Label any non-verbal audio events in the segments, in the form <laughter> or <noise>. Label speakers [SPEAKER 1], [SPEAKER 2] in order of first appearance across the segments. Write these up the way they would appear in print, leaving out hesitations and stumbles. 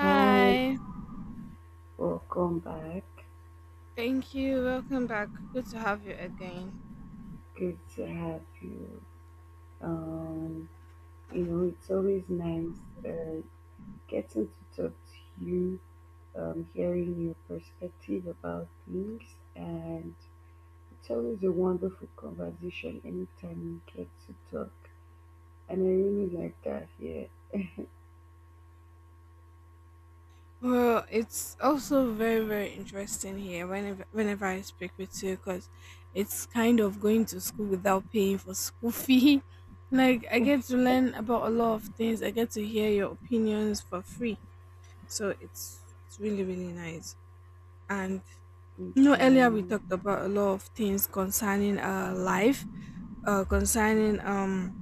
[SPEAKER 1] Hi, welcome back.
[SPEAKER 2] thank you. Welcome back. Good to have you again.
[SPEAKER 1] Good to have you. Um, it's always nice getting to talk to you, hearing your perspective about things, and it's always a wonderful conversation anytime you get to talk. And I really like that here.
[SPEAKER 2] Well, it's also very, very interesting here whenever, whenever I speak with you because it's kind of going to school without paying for school fee. <laughs> Like, I get to learn about a lot of things, I get to hear your opinions for free. So, it's really, really nice. And
[SPEAKER 1] It's
[SPEAKER 2] you know, earlier we
[SPEAKER 1] nice.
[SPEAKER 2] talked about a lot of things concerning our life, concerning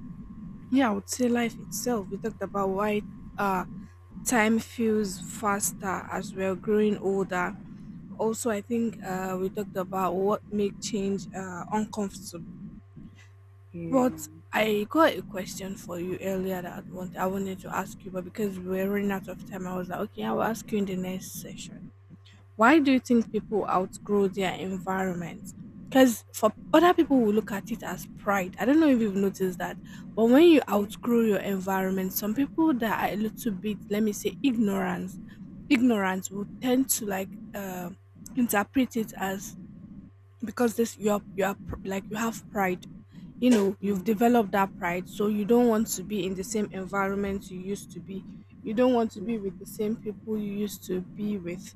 [SPEAKER 2] yeah, I would say life itself. We talked about why uh, time feels faster as we're growing older. Also, I think we talked about what make change uncomfortable.
[SPEAKER 1] Yeah,
[SPEAKER 2] But I got a question for you earlier that I wanted to ask you, but because we were running out of time, I was like, okay, I will ask you in the next session. Why do you think people outgrow their environment? Because for other people will look at it as pride. I don't know if you've noticed that, but when you
[SPEAKER 1] yeah,
[SPEAKER 2] outgrow your environment, some people that are a little bit, let me say, ignorance will tend to like interpret it as because this you are like you have pride, you know,
[SPEAKER 1] yeah,
[SPEAKER 2] you've developed that pride, so you don't want to be in the same environment you used to be, you don't want to
[SPEAKER 1] yes,
[SPEAKER 2] be with the same people you used to be with,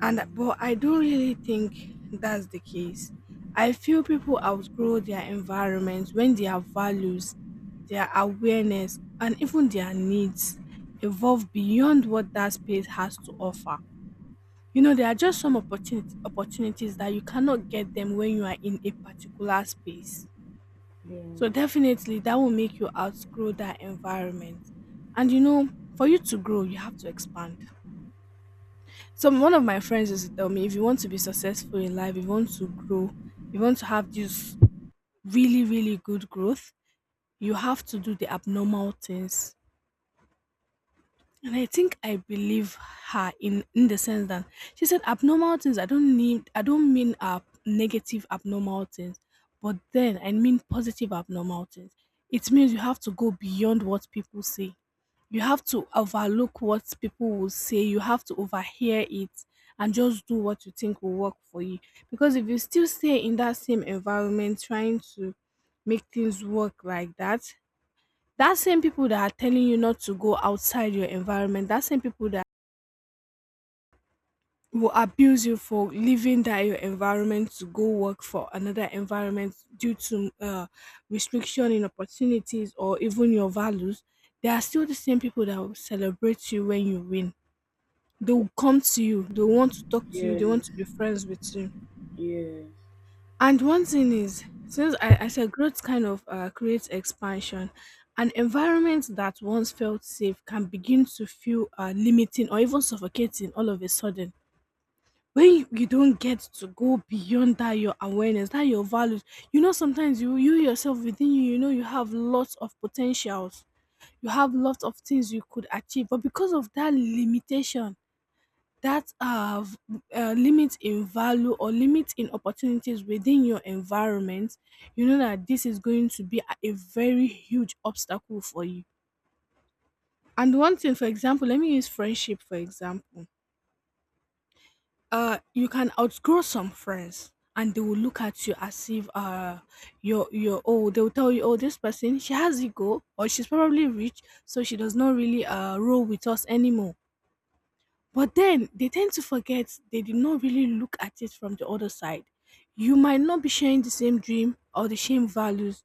[SPEAKER 2] and but I don't really think that's the case. I feel people outgrow their environment when their values, their awareness, and even their needs evolve beyond what that space has to offer. You know, there are just some opportunities that you cannot get them when you are in a particular space.
[SPEAKER 1] yes,
[SPEAKER 2] So definitely that will make you outgrow that environment. And you know, for you to grow, you have to expand. Some one of my friends used to tell me, if you want to be successful in life, if you want to grow, if you want to have this really, really good growth, you have to do the abnormal things. And I think I believe her in the sense that she said abnormal things, I don't mean negative abnormal things, but then I mean positive abnormal things. It means you have to go beyond what people say. You have to overlook what people will say. You have to overhear it and just do what you think will work for you. Because if you still stay in that same environment trying to make things work like that, that same people that are telling you not to go outside your environment, that same people that will abuse you for leaving that your environment to go work for another environment due to restriction in opportunities or even your values, they are still the same people that will celebrate you when you win. They will come to you, they want to talk to you, they want
[SPEAKER 1] yes,
[SPEAKER 2] to be friends with you.
[SPEAKER 1] yes,
[SPEAKER 2] And one thing is, since I said growth kind of creates expansion, an environment that once felt safe can begin to feel limiting or even suffocating all of a sudden. When you don't get to go beyond that your awareness, that your values, you know, sometimes you yourself within you, you know, you have lots of potentials, you have lots of things you could achieve, but because of that limitation, that have limit in value or limit in opportunities within your environment, you know that this is going to be a very huge obstacle for you. And one thing, for example, let me use friendship for example. You can outgrow some friends, and they will look at you as if you're old. They will tell you, "Oh, this person, she has ego, or she's probably rich, so she does not really roll with us anymore." But then they tend to forget they did not really look at it from the other side. You might not be sharing the same dream or the same values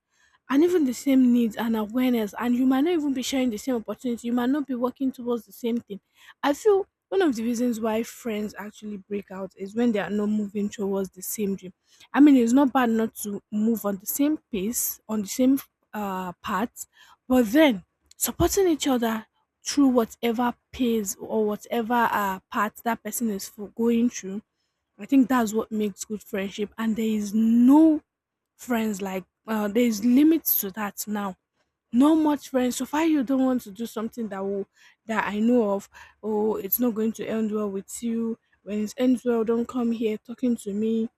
[SPEAKER 2] and even the same needs and awareness, and you might not even be sharing the same opportunity. You might not be working towards the same thing. I feel one of the reasons why friends actually break out is when they are not moving towards the same dream. I mean, it's not bad not to move on the same pace, on the same path, but then supporting each other through whatever pains or whatever part that person is for going through. I think that's what makes good friendship. And there is no friends like there is limits to that now. No much friends. So far, you don't want to do something that will that I know of. Oh, it's not going to end well with you. When it ends well, don't come here talking to me.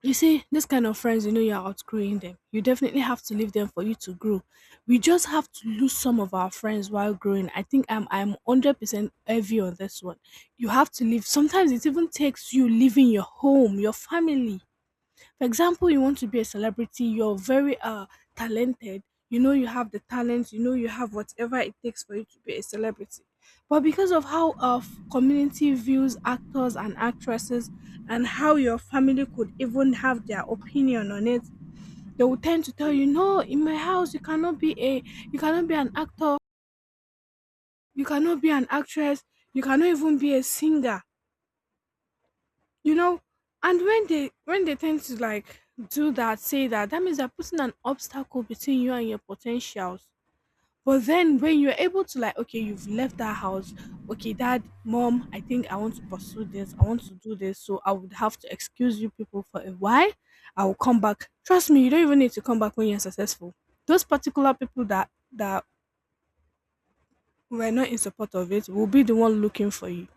[SPEAKER 2] You see, this kind of friends, you know, you're outgrowing them. You definitely have to leave them for you to grow. We just have to lose some of our friends while growing. I think I'm 100% heavy on this one. You have to leave. Sometimes it even takes you leaving your home, your family. For example, you want to be a celebrity, you're very talented, you know you have the talent, you know you have whatever it takes for you to be a celebrity. But because of how our community views actors and actresses and how your family could even have their opinion on it, they will tend to tell you, no, in my house you cannot be a you cannot be an actor, you cannot be an actress, you cannot even be a singer, you know. And when they tend to like do that, say that, that means they're putting an obstacle between you and your potentials. But then when you're able to like, okay, you've left that house, okay, dad, mom, I think I want to pursue this, I want to do this, so I would have to excuse you people for a while, I will come back, trust me. You don't even need to come back. When you're successful, those particular people that were not in support of it will be the one looking for you.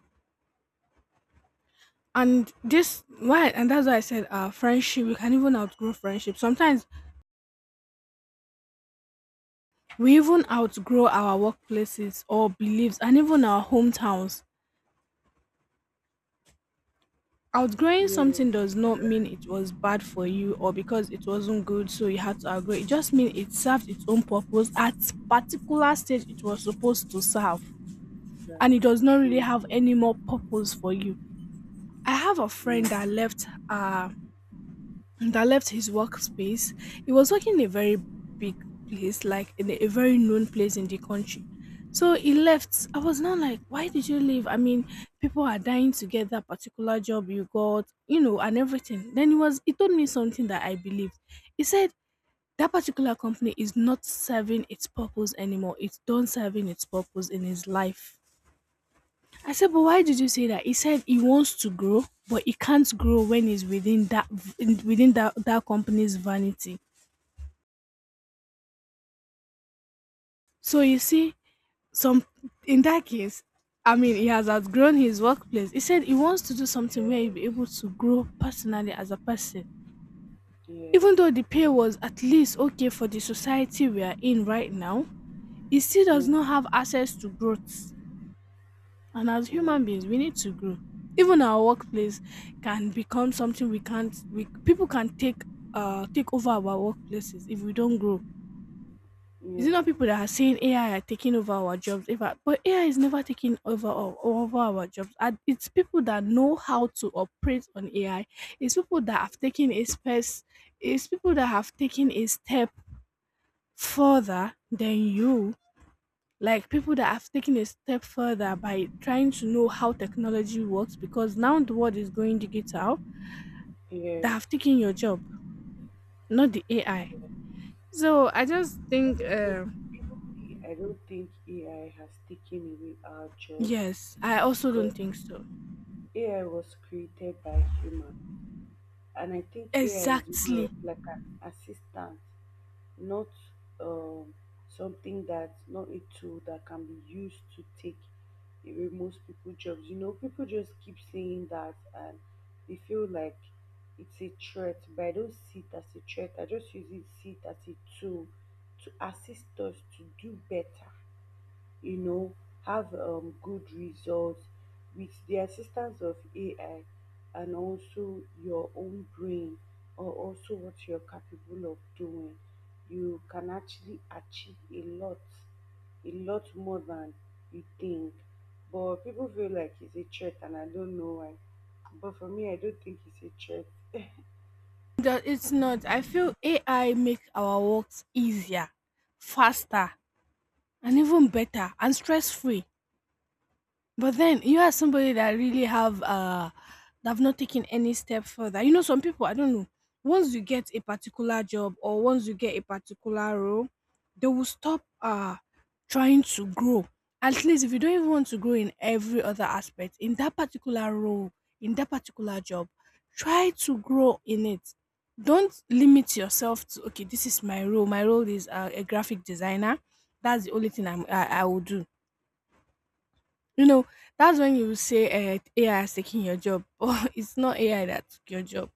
[SPEAKER 2] And this why and that's why I said our friendship, we can even outgrow friendship sometimes. We even outgrow our workplaces or beliefs and even our hometowns. Outgrowing
[SPEAKER 1] yes,
[SPEAKER 2] something
[SPEAKER 1] yes.
[SPEAKER 2] does not mean it was bad for you or because it wasn't good so you had to outgrow it. Just means it served its own purpose at particular stage it was supposed to serve, and
[SPEAKER 1] That's
[SPEAKER 2] it does not really
[SPEAKER 1] true.
[SPEAKER 2] have any more purpose for you. I have a friend
[SPEAKER 1] Yeah.
[SPEAKER 2] that left that left his workspace. He was working in a very big place, like in a very known place in the country. So he left. I was not like, why did you leave? I mean, people are dying to get that particular job you got, you know, and everything. Then he told me something that I believed. He said that particular company is not serving its purpose anymore. It's done serving its purpose in his life. I said, but why did you say that? He said he wants to grow, but he can't grow when he's within that within that company's vanity. So you see, some in that case, I mean, he has outgrown his workplace. He said he wants to do something where he'll be
[SPEAKER 1] Yes.
[SPEAKER 2] able to grow personally as a person.
[SPEAKER 1] Yes.
[SPEAKER 2] Even though the pay was at least okay for the society we are in right now, he still
[SPEAKER 1] Yeah.
[SPEAKER 2] does not have access to growth. And as
[SPEAKER 1] Yeah.
[SPEAKER 2] human beings, we need to grow. Even our workplace can become something we can't. We people can take take over our workplaces if we don't grow. Is it not people
[SPEAKER 1] Yes.
[SPEAKER 2] that are saying AI are taking over our jobs? If I- but AI is never taking over over our jobs. And it's people that know how to operate on AI. It's people that have taken a space. It's people that have taken a step further than you, like people that have taken a step further by trying to know how technology works, because now the world is going digital, that
[SPEAKER 1] Yes.
[SPEAKER 2] have taken your job, not the ai. So I just
[SPEAKER 1] I
[SPEAKER 2] think
[SPEAKER 1] don't think even AI. I don't think AI has taken away our jobs,
[SPEAKER 2] yes, I also don't
[SPEAKER 1] because
[SPEAKER 2] think so,
[SPEAKER 1] AI was created by human, and I think AI is more
[SPEAKER 2] exactly.
[SPEAKER 1] of like an assistant, not um, something that, not a tool that can be used to take away most people jobs. You know, people just keep saying that and they feel like it's a threat, but I don't see it as a threat. I just use it, see it as a tool to assist us to do better, you know, have good results with the assistance of AI. And also your own brain, or also what you're capable of doing, you can actually achieve a lot more than you think. But people feel like it's a threat and I don't know why. But for me, I don't think it's a threat.
[SPEAKER 2] That it's not, I feel ai make our works easier, faster, and even better and stress free. But then you are somebody that really have that have not taken any step further. You know, some people I don't know. Once you get a particular job or once you get a particular role, they will stop trying to grow. At least if you don't even want to grow in every other aspect, in that particular role, in that particular job, try to grow in it. Don't limit yourself to okay, this is my role. My role is a graphic designer. That's the only thing I will do you know, that's when you say AI is taking your job, <laughs> but it's not AI that took your job.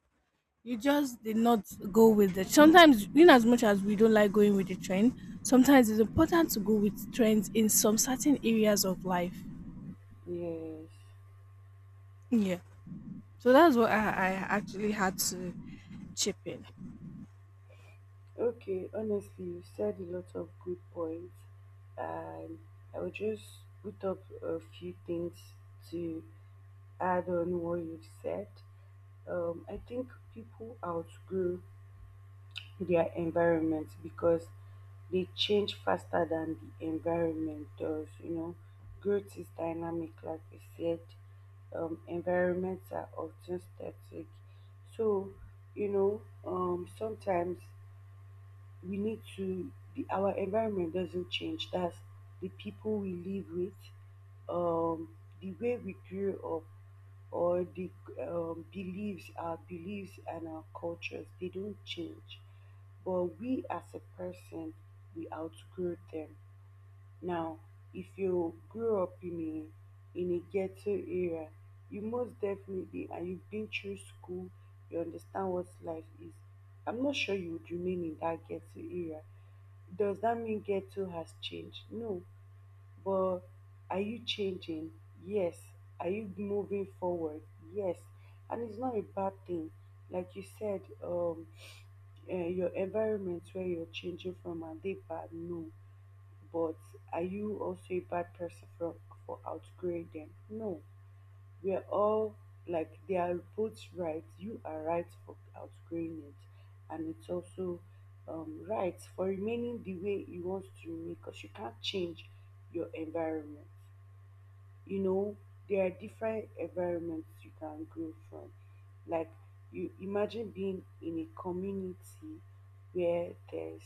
[SPEAKER 2] You just did not go with the sometimes in as much as we don't like going with the trend, sometimes it's important to go with trends in some certain areas of life.
[SPEAKER 1] Yes.
[SPEAKER 2] Yeah. So that's what I actually had to chip in.
[SPEAKER 1] Okay, honestly, you said a lot of good points, and I will just put up a few things to add on what you've said. I think people outgrow their environment because they change faster than the environment does. You know, growth is dynamic, like I said. Environments are often static, so sometimes we need to the, our environment doesn't change, that's the people we live with, um the way we grew up, or the beliefs our beliefs and our cultures, they don't change, but we as a person, we outgrow them. Now, if you grew up in a ghetto area, you most definitely, and you've been through school, you understand what life is. I'm not sure you would remain in that ghetto area. Does that mean ghetto has changed? No. But are you changing? Yes. Are you moving forward? Yes. And it's not a bad thing. Like you said, your environment where you're changing from, are they bad? No, but are you also a bad person for outgrowing them? No. We are all like, they are both right. You are right for outgrowing it, and it's also right for remaining the way you want to remain, because you can't change your environment. You know, there are different environments you can grow from. Like, you imagine being in a community where there's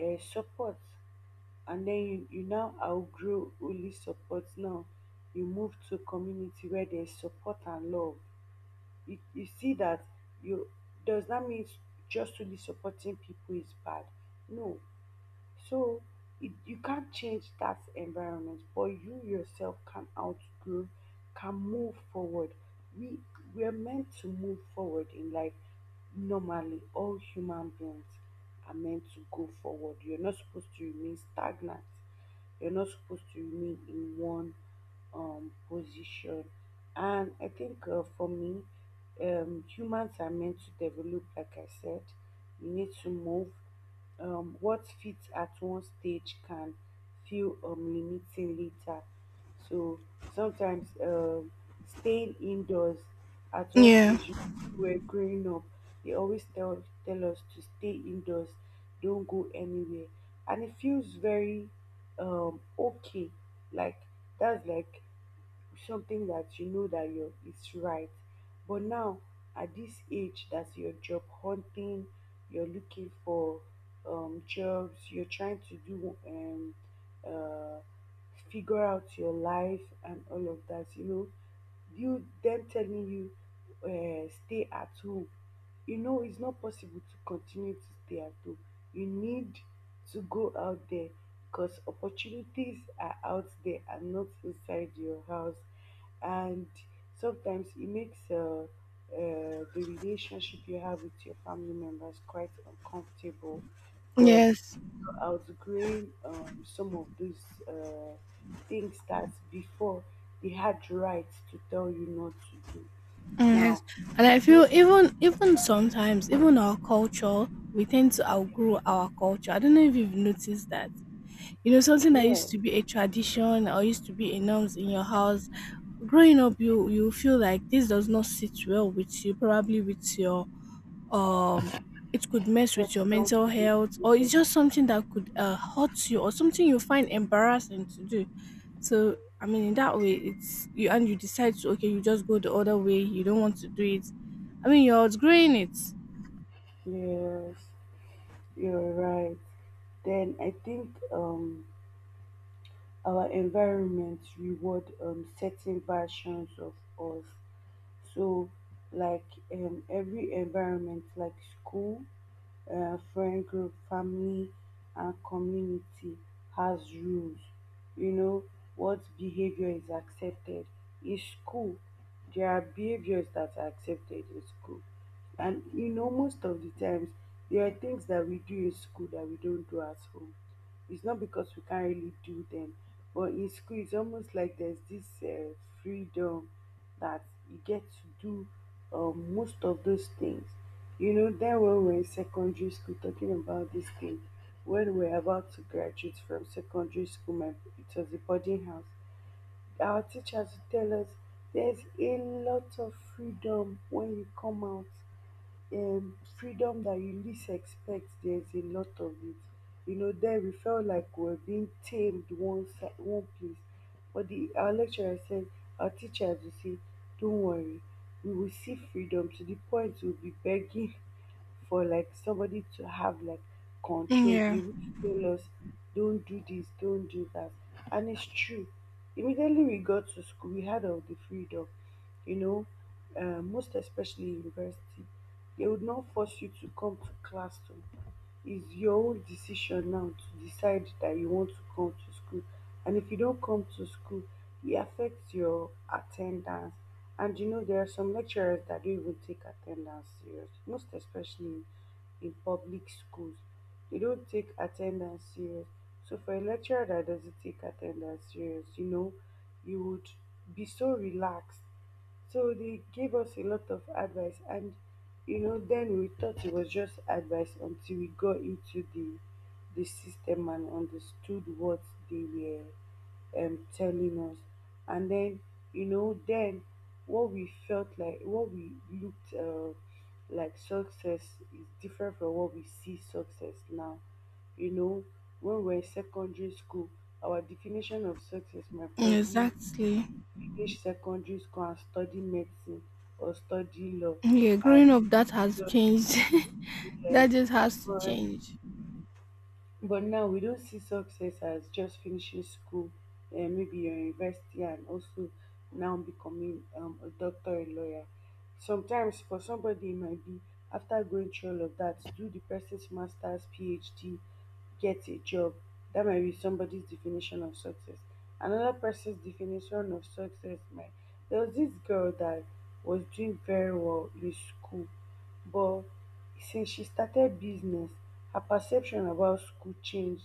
[SPEAKER 1] support, and then you now outgrow only support. Now you move to community where there's support and love. You see that. You, does that mean just only supporting people is bad? No. So it, you can't change that environment, but you yourself can outgrow, can move forward. We we're meant to move forward in life. Normally, all human beings are meant to go forward. You're not supposed to remain stagnant. You're not supposed to remain in one position. And I think for me, humans are meant to develop, like I said. You need to move, what fits at one stage can feel limiting later. So sometimes staying indoors, at one
[SPEAKER 2] Yeah.
[SPEAKER 1] stage when we were growing up, they always tell us to stay indoors, don't go anywhere, and it feels very okay. Like, that's like something that you know that you is right. But now, at this age, that's your job hunting, you're looking for jobs, you're trying to do uh, figure out your life and all of that. You know, you them telling you stay at home, you know it's not possible to continue to stay at home. You need to go out there because opportunities are out there and not inside your house. And sometimes it makes the relationship you have with your family members quite uncomfortable, because
[SPEAKER 2] Yes.
[SPEAKER 1] you're outgrowing some of those things that before they had rights to tell you not to do.
[SPEAKER 2] Mm,
[SPEAKER 1] Now,
[SPEAKER 2] yes. And I feel
[SPEAKER 1] most,
[SPEAKER 2] even sometimes, even our culture, we tend to outgrow our culture. I don't know if you've noticed that. You know, something that
[SPEAKER 1] yeah,
[SPEAKER 2] used to be a tradition or used to be a norms in your house, growing up you feel like this does not sit well with you, probably with your um it could mess with your
[SPEAKER 1] personal
[SPEAKER 2] mental
[SPEAKER 1] belief
[SPEAKER 2] health or it's just something that could hurt you or something you find embarrassing to do. So I mean in that way it's you and you decide to okay, you just go the other way, you don't want to do it. I mean you're outgrowing it.
[SPEAKER 1] leaders. Yes, you're right. Then I think our environment reward certain versions of us. So like, every environment like school, friend group, family, and community has rules. You know, what behavior is accepted in school. There are behaviors that are accepted in school. And you know, most of the times, there are things that we do in school that we don't do at home. It's not because we can't really do them, but in school, it's almost like there's this freedom that you get to do most of those things. You know, then when we were in secondary school talking about this thing, when we were about to graduate from secondary school, my, it was a boarding house. Our teachers would tell us there's a lot of freedom when you come out, freedom that you least expect, there's a lot of it. You know, there we felt like we were being tamed one side, one place. But the our lecturer said, our teachers will say, don't worry, we will see freedom to the point we'll be begging for like somebody to have like control, be
[SPEAKER 2] Yeah.
[SPEAKER 1] able to tell us, don't do this, don't do that. And it's true. Immediately we got to school, we had all the freedom, you know, most especially university. They would not force you to come to class to, it's your own decision now to decide that you want to come to school. And if you don't come to school, it affects your attendance. And you know, there are some lecturers that don't even take attendance serious, most especially in public schools. They don't take attendance serious. So for a lecturer that doesn't take attendance serious, you know, you would be so relaxed. So they gave us a lot of advice, and you know, then we thought it was just advice until we got into the system and understood what they were telling us. And then, you know, then what we felt like, what we looked like success, is different from what we see success now. You know, when we were in secondary school, our definition of success might probably
[SPEAKER 2] Exactly.
[SPEAKER 1] finish secondary school and study medicine or study law.
[SPEAKER 2] Yeah, growing
[SPEAKER 1] And
[SPEAKER 2] up that has changed <laughs> That
[SPEAKER 1] yes.
[SPEAKER 2] just has to
[SPEAKER 1] But
[SPEAKER 2] change.
[SPEAKER 1] but now we don't see success as just finishing school, and maybe your university, and also now becoming a doctor, and lawyer. Sometimes for somebody it might be after going through all of that, do the person's master's, PhD, get a job. That might be somebody's definition of success. Another person's definition of success might. There was this girl that was doing very well in school, but since she started business, her perception about school changed.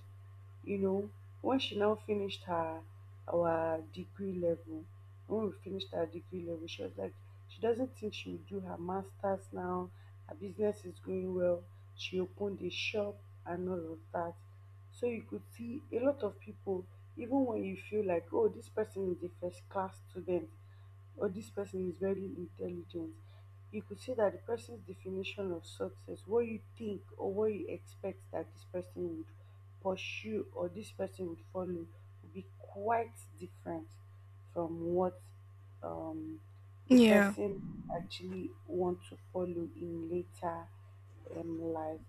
[SPEAKER 1] You know, when she now finished her our degree level, when we finished our degree level, she was like, she doesn't think she will do her master's now. Her business is going well. She opened a shop and all of that. So you could see a lot of people, even when you feel like, oh, this person is a first class student, or this person is very intelligent, you could see that the person's definition of success, what you think or what you expect that this person would pursue or this person would follow, would be quite different from what um, the
[SPEAKER 2] Yeah.
[SPEAKER 1] person actually want to follow in later life.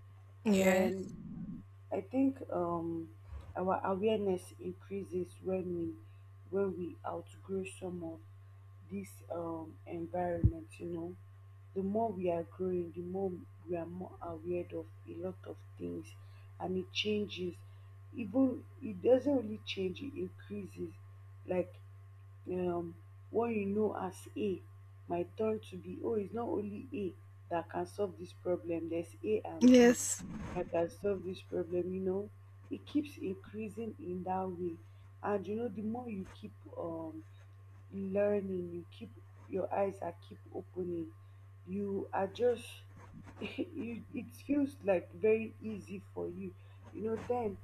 [SPEAKER 2] Yes.
[SPEAKER 1] Then I think our awareness increases when we outgrow some of this environment. You know, the more we are growing, the more we are more aware of a lot of things, and it changes. Even it doesn't really change; it increases. Like, um what you know as A might turn to be, oh, it's not only A that can solve this problem, there's A and B
[SPEAKER 2] Yes.
[SPEAKER 1] that can solve this problem, you know. It keeps increasing in that way. And you know, the more you keep um learning, you keep, your eyes are keep opening, you are just <laughs> you, it feels like very easy for you. You know, then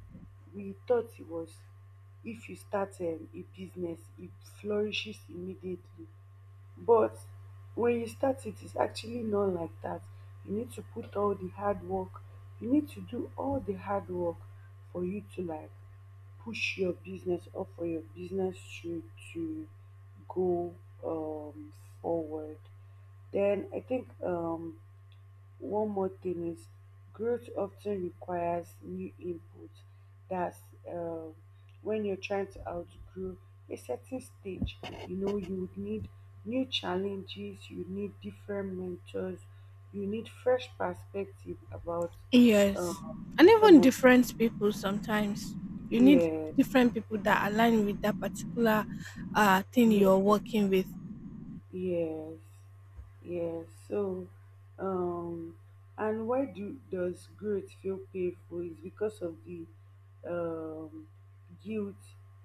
[SPEAKER 1] we thought it was, if you start a business it flourishes immediately, but when you start it, it's actually not like that. You need to put all the hard work, you need to do all the hard work for you to like push your business or for your business to go um, forward. Then I think one more thing is growth often requires new input. That's uh, when you're trying to outgrow a certain stage, you know, you would need new challenges, you need different mentors, you need fresh perspective about
[SPEAKER 2] Yes. And
[SPEAKER 1] um, some
[SPEAKER 2] even
[SPEAKER 1] of
[SPEAKER 2] different people sometimes. You need
[SPEAKER 1] yes,
[SPEAKER 2] different people that align with that particular thing
[SPEAKER 1] yes,
[SPEAKER 2] you're working with.
[SPEAKER 1] yes. Yeah, so um and why do does growth feel painful is because of the um guilt.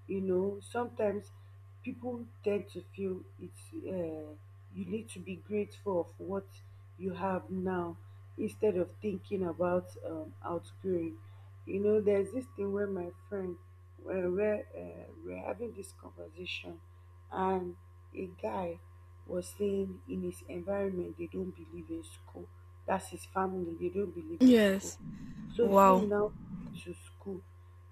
[SPEAKER 1] You know, sometimes people tend to feel it's uh you need to be grateful of what you have now instead of thinking about outgrowing. You know, there's this thing where my friend where we're having this conversation and a guy was saying in his environment they don't believe in school. That's his family, they don't believe in school.
[SPEAKER 2] Yes.
[SPEAKER 1] So him
[SPEAKER 2] Wow.
[SPEAKER 1] now going to school,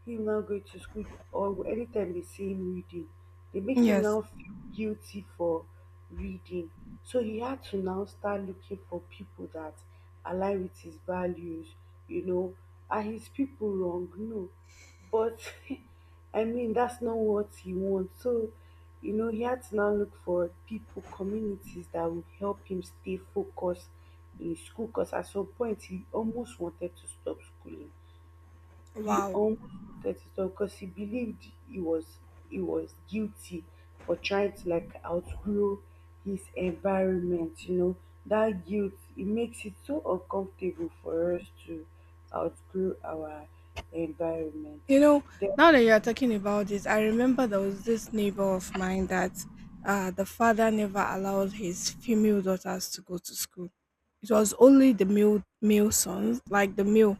[SPEAKER 1] him now going to school, or anytime they see him reading, they make him
[SPEAKER 2] Yes.
[SPEAKER 1] now feel guilty for reading. So he had to now start looking for people that align with his values, you know. Are his people wrong? No. But <laughs> I mean, that's not what he wants. So you know, he had to now look for people, communities that would help him stay focused in school because at some point he almost wanted to stop schooling. He
[SPEAKER 2] Wow.
[SPEAKER 1] almost wanted to stop because he believed he was guilty for trying to like outgrow his environment, you know. That guilt, it makes it so uncomfortable for us to outgrow our environment.
[SPEAKER 2] You know,
[SPEAKER 1] Then
[SPEAKER 2] now that you're talking about this, I remember there was this neighbor of mine that the father never allowed his female daughters to go to school. It was only the male sons, like the male.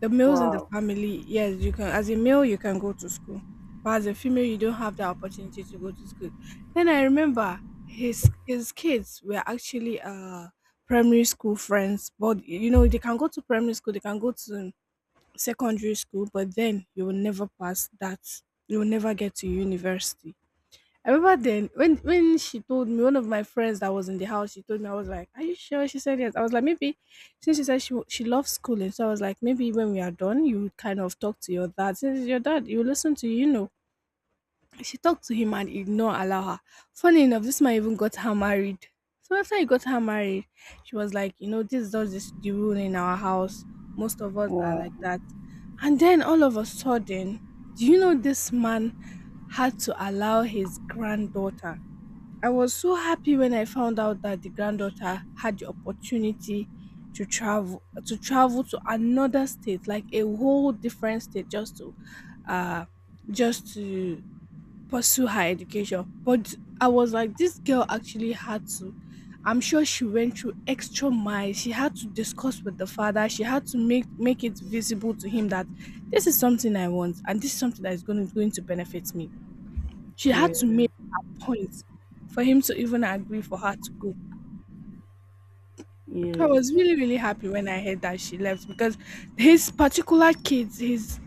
[SPEAKER 2] The males in the
[SPEAKER 1] wow,
[SPEAKER 2] family, yes, you can as a male you can go to school, but as a female you don't have the opportunity to go to school. Then I remember his kids were actually primary school friends, but you know they can go to primary school, they can go to secondary school, but then you will never pass that. You will never get to university. I remember then when she told me one of my friends that was in the house, she told me I was like, "Are you sure?" She said yes. I was like, maybe since she said she loves schooling, so I was like, maybe when we are done, you would kind of talk to your dad. Since it's your dad, you listen to you, you know. She talked to him and he did not allow her. Funny enough, this man even got her married. So after he got her married, she was like, you know, this is not just this the rule in our house. Most of us are
[SPEAKER 1] wow,
[SPEAKER 2] like that. And then all of a sudden, do you know this man had to allow his granddaughter I was so happy when I found out that the granddaughter had the opportunity to travel to another state, like a whole different state uh just to pursue her education. But I was like, this girl actually had to I'm sure she went through extra miles. She had to discuss with the father. She had to make it visible to him that this is something I want and this is something that is going to benefit me. She had to
[SPEAKER 1] yeah,
[SPEAKER 2] make her point for him to even agree for her to go. I
[SPEAKER 1] yes,
[SPEAKER 2] was really, really happy when I heard that she left because his particular kids, his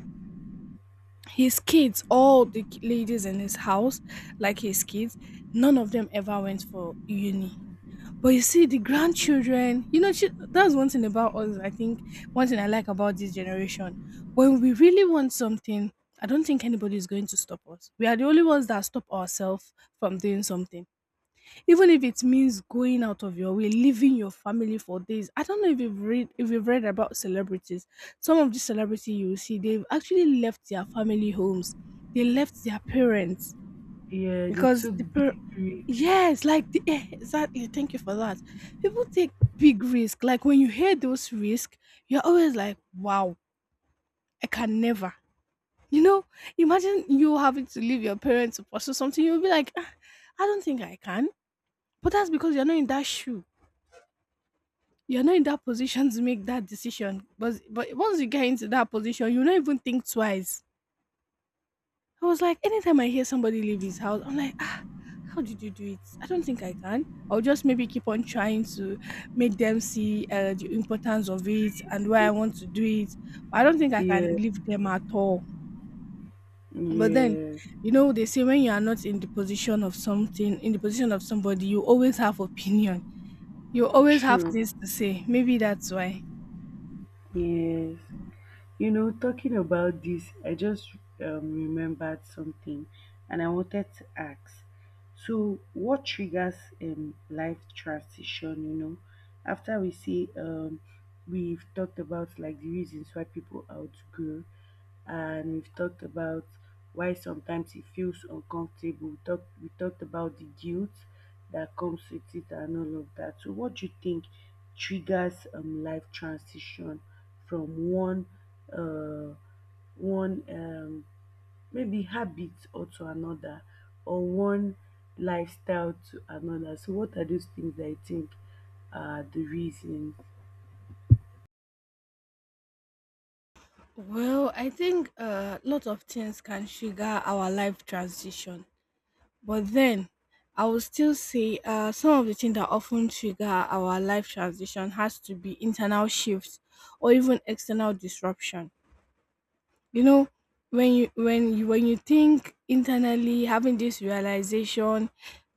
[SPEAKER 2] his kids, all the ladies in his house, like his kids, none of them ever went for uni. But you see, the
[SPEAKER 1] yeah.
[SPEAKER 2] grandchildren, you know, that's one thing about us. I think one thing I like about this generation, when we really want something, I don't think anybody is going to stop us. We are the only ones that stop ourselves from doing something Even if it means going out of your way, leaving your family for days. I don't know if you've read about celebrities. Some of the celebrity you see, they've actually left their family homes. They left their parents
[SPEAKER 1] Yeah, they
[SPEAKER 2] because
[SPEAKER 1] took big risks.
[SPEAKER 2] yes, like exactly. Thank you for that. People take big risk. Like when you hear those risk, you're always like, wow, I can never. You know, imagine you having to leave your parents to pursue something. You'll be like, "Ah, I don't think I can. But that's because you're not in that shoe you're not in that position to make that decision. But once you get into that position, you don't even think twice. I was like, anytime I hear somebody leave his house, I'm like, ah, how did you do it? I don't think I can. I'll just maybe keep on trying to make them see the importance of it and why I want to do it. I don't think I can
[SPEAKER 1] Yeah,
[SPEAKER 2] leave them at all. But then,
[SPEAKER 1] yes,
[SPEAKER 2] you know, they say when you are not in the position of something, in the position of somebody, you always have opinion. You always have
[SPEAKER 1] true.
[SPEAKER 2] things to say. Maybe that's why.
[SPEAKER 1] Yes. You know, talking about this, I just remembered something and I wanted to ask. So what triggers life transition? You know, after we see we've talked about like the reasons why people outgrow, and we've talked about why sometimes it feels uncomfortable. We talked about the guilt that comes with it and all of that. So what do you think triggers life transition from one uh one maybe habit or to another, or one lifestyle to another? So what are those things that I think are the reasons?
[SPEAKER 2] Well, I think a lot of things can trigger our life transition, but then I will still say some of the things that often trigger our life transition has to be internal shifts or even external disruption. You know, when you think internally, having this realization,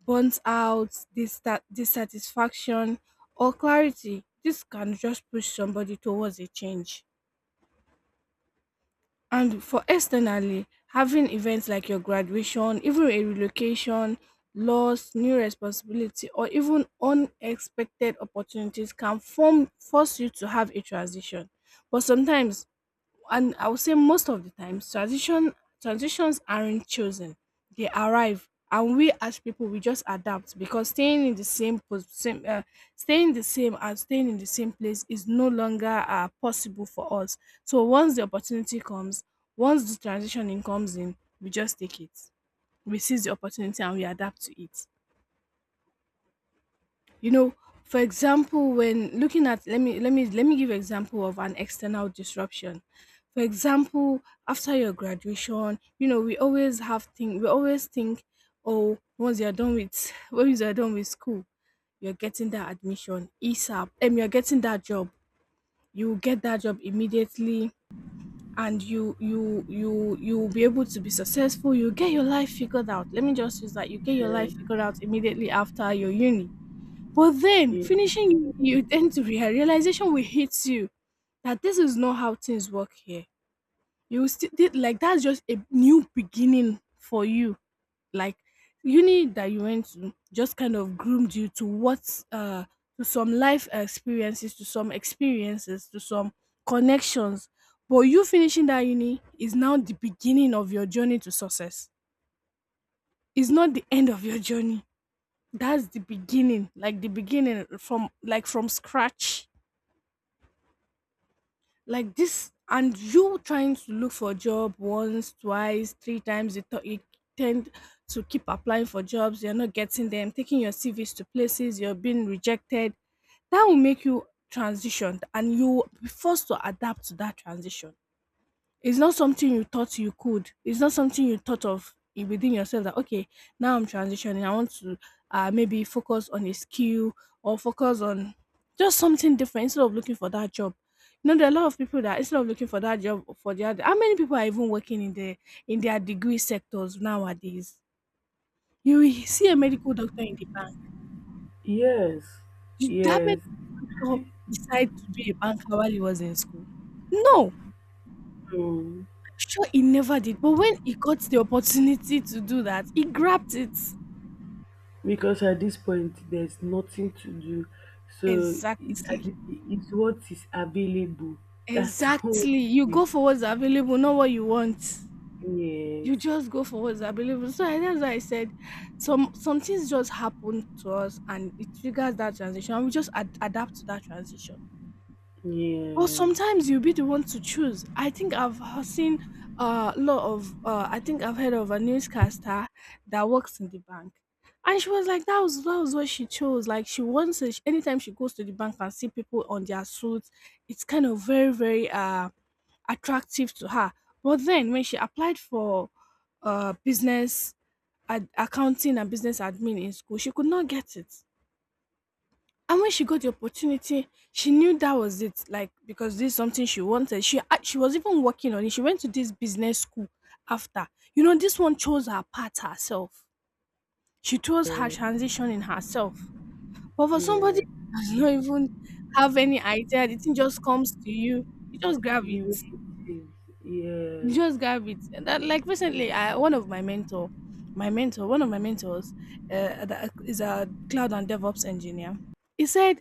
[SPEAKER 2] burnt out, dissatisfaction, or clarity, this can just push somebody towards a change. And for externally, having events like your graduation, even a relocation, loss, new responsibility, or even unexpected opportunities can form force you to have a transition. But sometimes and I would say most of the times transitions aren't chosen. They arrive and we as people we just adapt because staying in the same pos- same staying the same and staying in the same place is no longer possible for us. So once the opportunity comes, once the transitioning comes in, we just take it. We seize the opportunity and we adapt to it you know for example when looking at let me give example of an external disruption for example after your graduation you know we always think oh once you're done with <laughs> once you're done with school you're getting that admission esap and you're getting that job you will get that job immediately and you will be able to be successful you get your life figured out let me just use that you get your
[SPEAKER 1] Yeah.
[SPEAKER 2] life figured out immediately after your uni but then
[SPEAKER 1] Yeah.
[SPEAKER 2] finishing you tend to realization will hit you that this is not how things work here. You will still did like that's just a new beginning for you. Like uni that you went to just kind of groomed you to what to some life experiences, to some connections. But you finishing that uni is now the beginning of your journey to success. It's not the end of your journey. That's the beginning, like the beginning from like from scratch. Like this and you trying to look for a job once twice three times you tend to keep applying for jobs you're not getting them taking your cvs to places you're being rejected that will make you transition and you will be forced to adapt to that transition it's not something you thought you could. It's not something you thought of within yourself that okay, now I'm transitioning. I want to maybe focus on a skill or focus on just something different instead of looking for that job. You know, there are a lot of people that instead of looking for that job for the other, how many people are even working in the in their degree sectors nowadays? You will see a medical doctor in the bank.
[SPEAKER 1] Yes,
[SPEAKER 2] Did that
[SPEAKER 1] yes.
[SPEAKER 2] medical doctor decide to be a banker while he was in school? No.
[SPEAKER 1] So,
[SPEAKER 2] Sure, he never did, but when he got the opportunity to do that, he grabbed it.
[SPEAKER 1] because at this point there's nothing to do. So it, at
[SPEAKER 2] Exactly,
[SPEAKER 1] the- it's what is available. That's <laughs> all
[SPEAKER 2] exactly. You
[SPEAKER 1] we,
[SPEAKER 2] go for what's available, not what you want. You
[SPEAKER 1] yes.
[SPEAKER 2] just go for what's available. So that's why I said some things just happen to us, and it triggers that transition, and we just adapt to that transition. Well,
[SPEAKER 1] Yeah.
[SPEAKER 2] sometimes you'll be the one to choose. I think seen a lot of, I think I've heard of a newscaster that works in the bank. And she was like, that was what she chose. Like, she wants it. Anytime she goes to the bank and see people on their suits, it's kind of very, very attractive to her. But then when she applied for business accounting and business admin in school, she could not get it. And when she got the opportunity, she knew that was it. Like because this is something she wanted. She was even working on it. She went to this business school after. You know, this one chose her path herself. She chose her
[SPEAKER 1] Yeah.
[SPEAKER 2] transition in herself. But for somebody <laughs> who does not even have any idea, the thing just comes to you. You just grab it.
[SPEAKER 1] The way it is.
[SPEAKER 2] <laughs> You
[SPEAKER 1] Yes.
[SPEAKER 2] just grab it. And That, like recently, I, one of my mentor, one of my mentors, that is a cloud and DevOps engineer. He said,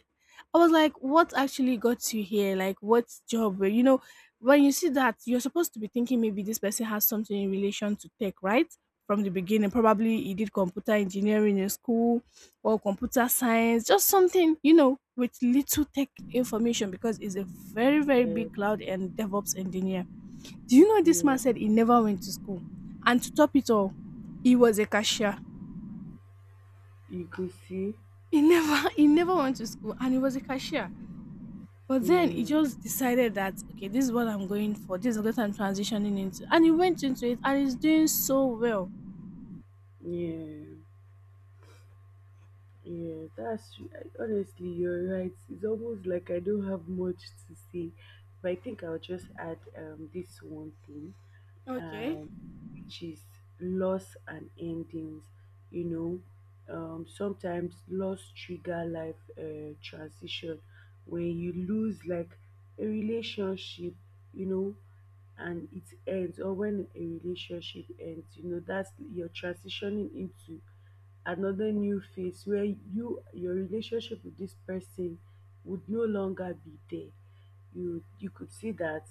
[SPEAKER 2] "I was like, what actually got you here? Like, what You know, when you see that, you're supposed to be thinking maybe this person has something in relation to tech, right?" From the beginning, probably he did computer engineering in school or computer science, just something, you know, with little tech information because he's a very
[SPEAKER 1] Yeah.
[SPEAKER 2] big cloud and DevOps engineer do you know this man
[SPEAKER 1] Yeah.
[SPEAKER 2] said he never went to school? And to top it all, he was a cashier.
[SPEAKER 1] You could see.
[SPEAKER 2] He never <laughs> he never went to school and he was a cashier. But then he
[SPEAKER 1] Yeah,
[SPEAKER 2] just decided that okay, this is what I'm going for. This is what I'm transitioning into. And he went into it and he's doing so well.
[SPEAKER 1] yeah, yeah. That's, I- honestly, you're right. It's almost like I don't have much to say, but I think I'll just add this one thing.
[SPEAKER 2] Okay.
[SPEAKER 1] Uh, which is loss and endings. You know, sometimes loss trigger life transition. When you lose like a relationship, you know, and it ends, or when a relationship ends, you know, that's you're transitioning into another new phase where your relationship with this person would no longer be there. You could see that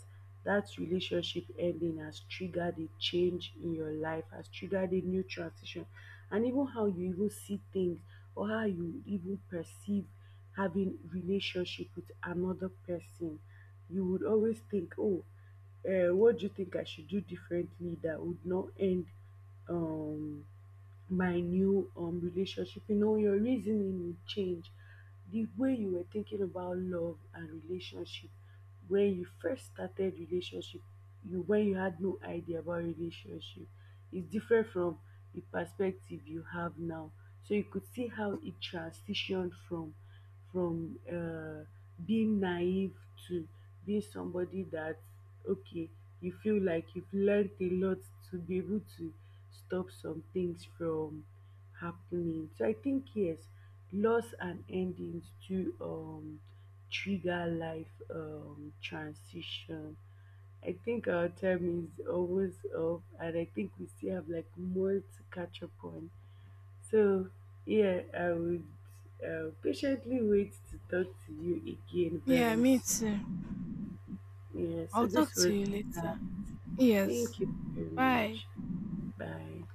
[SPEAKER 1] that relationship ending has triggered a change in your life, has triggered a new transition, and even how you even see things or how you even perceive having relationship with another person. You would always think, oh, what do you think I should do differently that would not end um my new relationship? You know, your reasoning will change. The way you were thinking about love and relationship when you first started relationship, you when you had no idea about relationship, is different from the perspective you have now. So you could see how it transitioned from from uh, being naive to being somebody that, okay, you feel like you've learned a lot to be able to stop some things from happening. So I think yes, loss and endings do trigger life transition. I think our time is always up, and I think we still have like more to catch up on. So, yeah, I would patiently wait to talk to you again
[SPEAKER 2] Yeah,
[SPEAKER 1] very
[SPEAKER 2] me too.
[SPEAKER 1] soon. Yeah, so
[SPEAKER 2] I'll talk
[SPEAKER 1] this was,
[SPEAKER 2] to you
[SPEAKER 1] uh,
[SPEAKER 2] later.
[SPEAKER 1] thank
[SPEAKER 2] Yes.
[SPEAKER 1] you very
[SPEAKER 2] Bye.
[SPEAKER 1] much. Bye.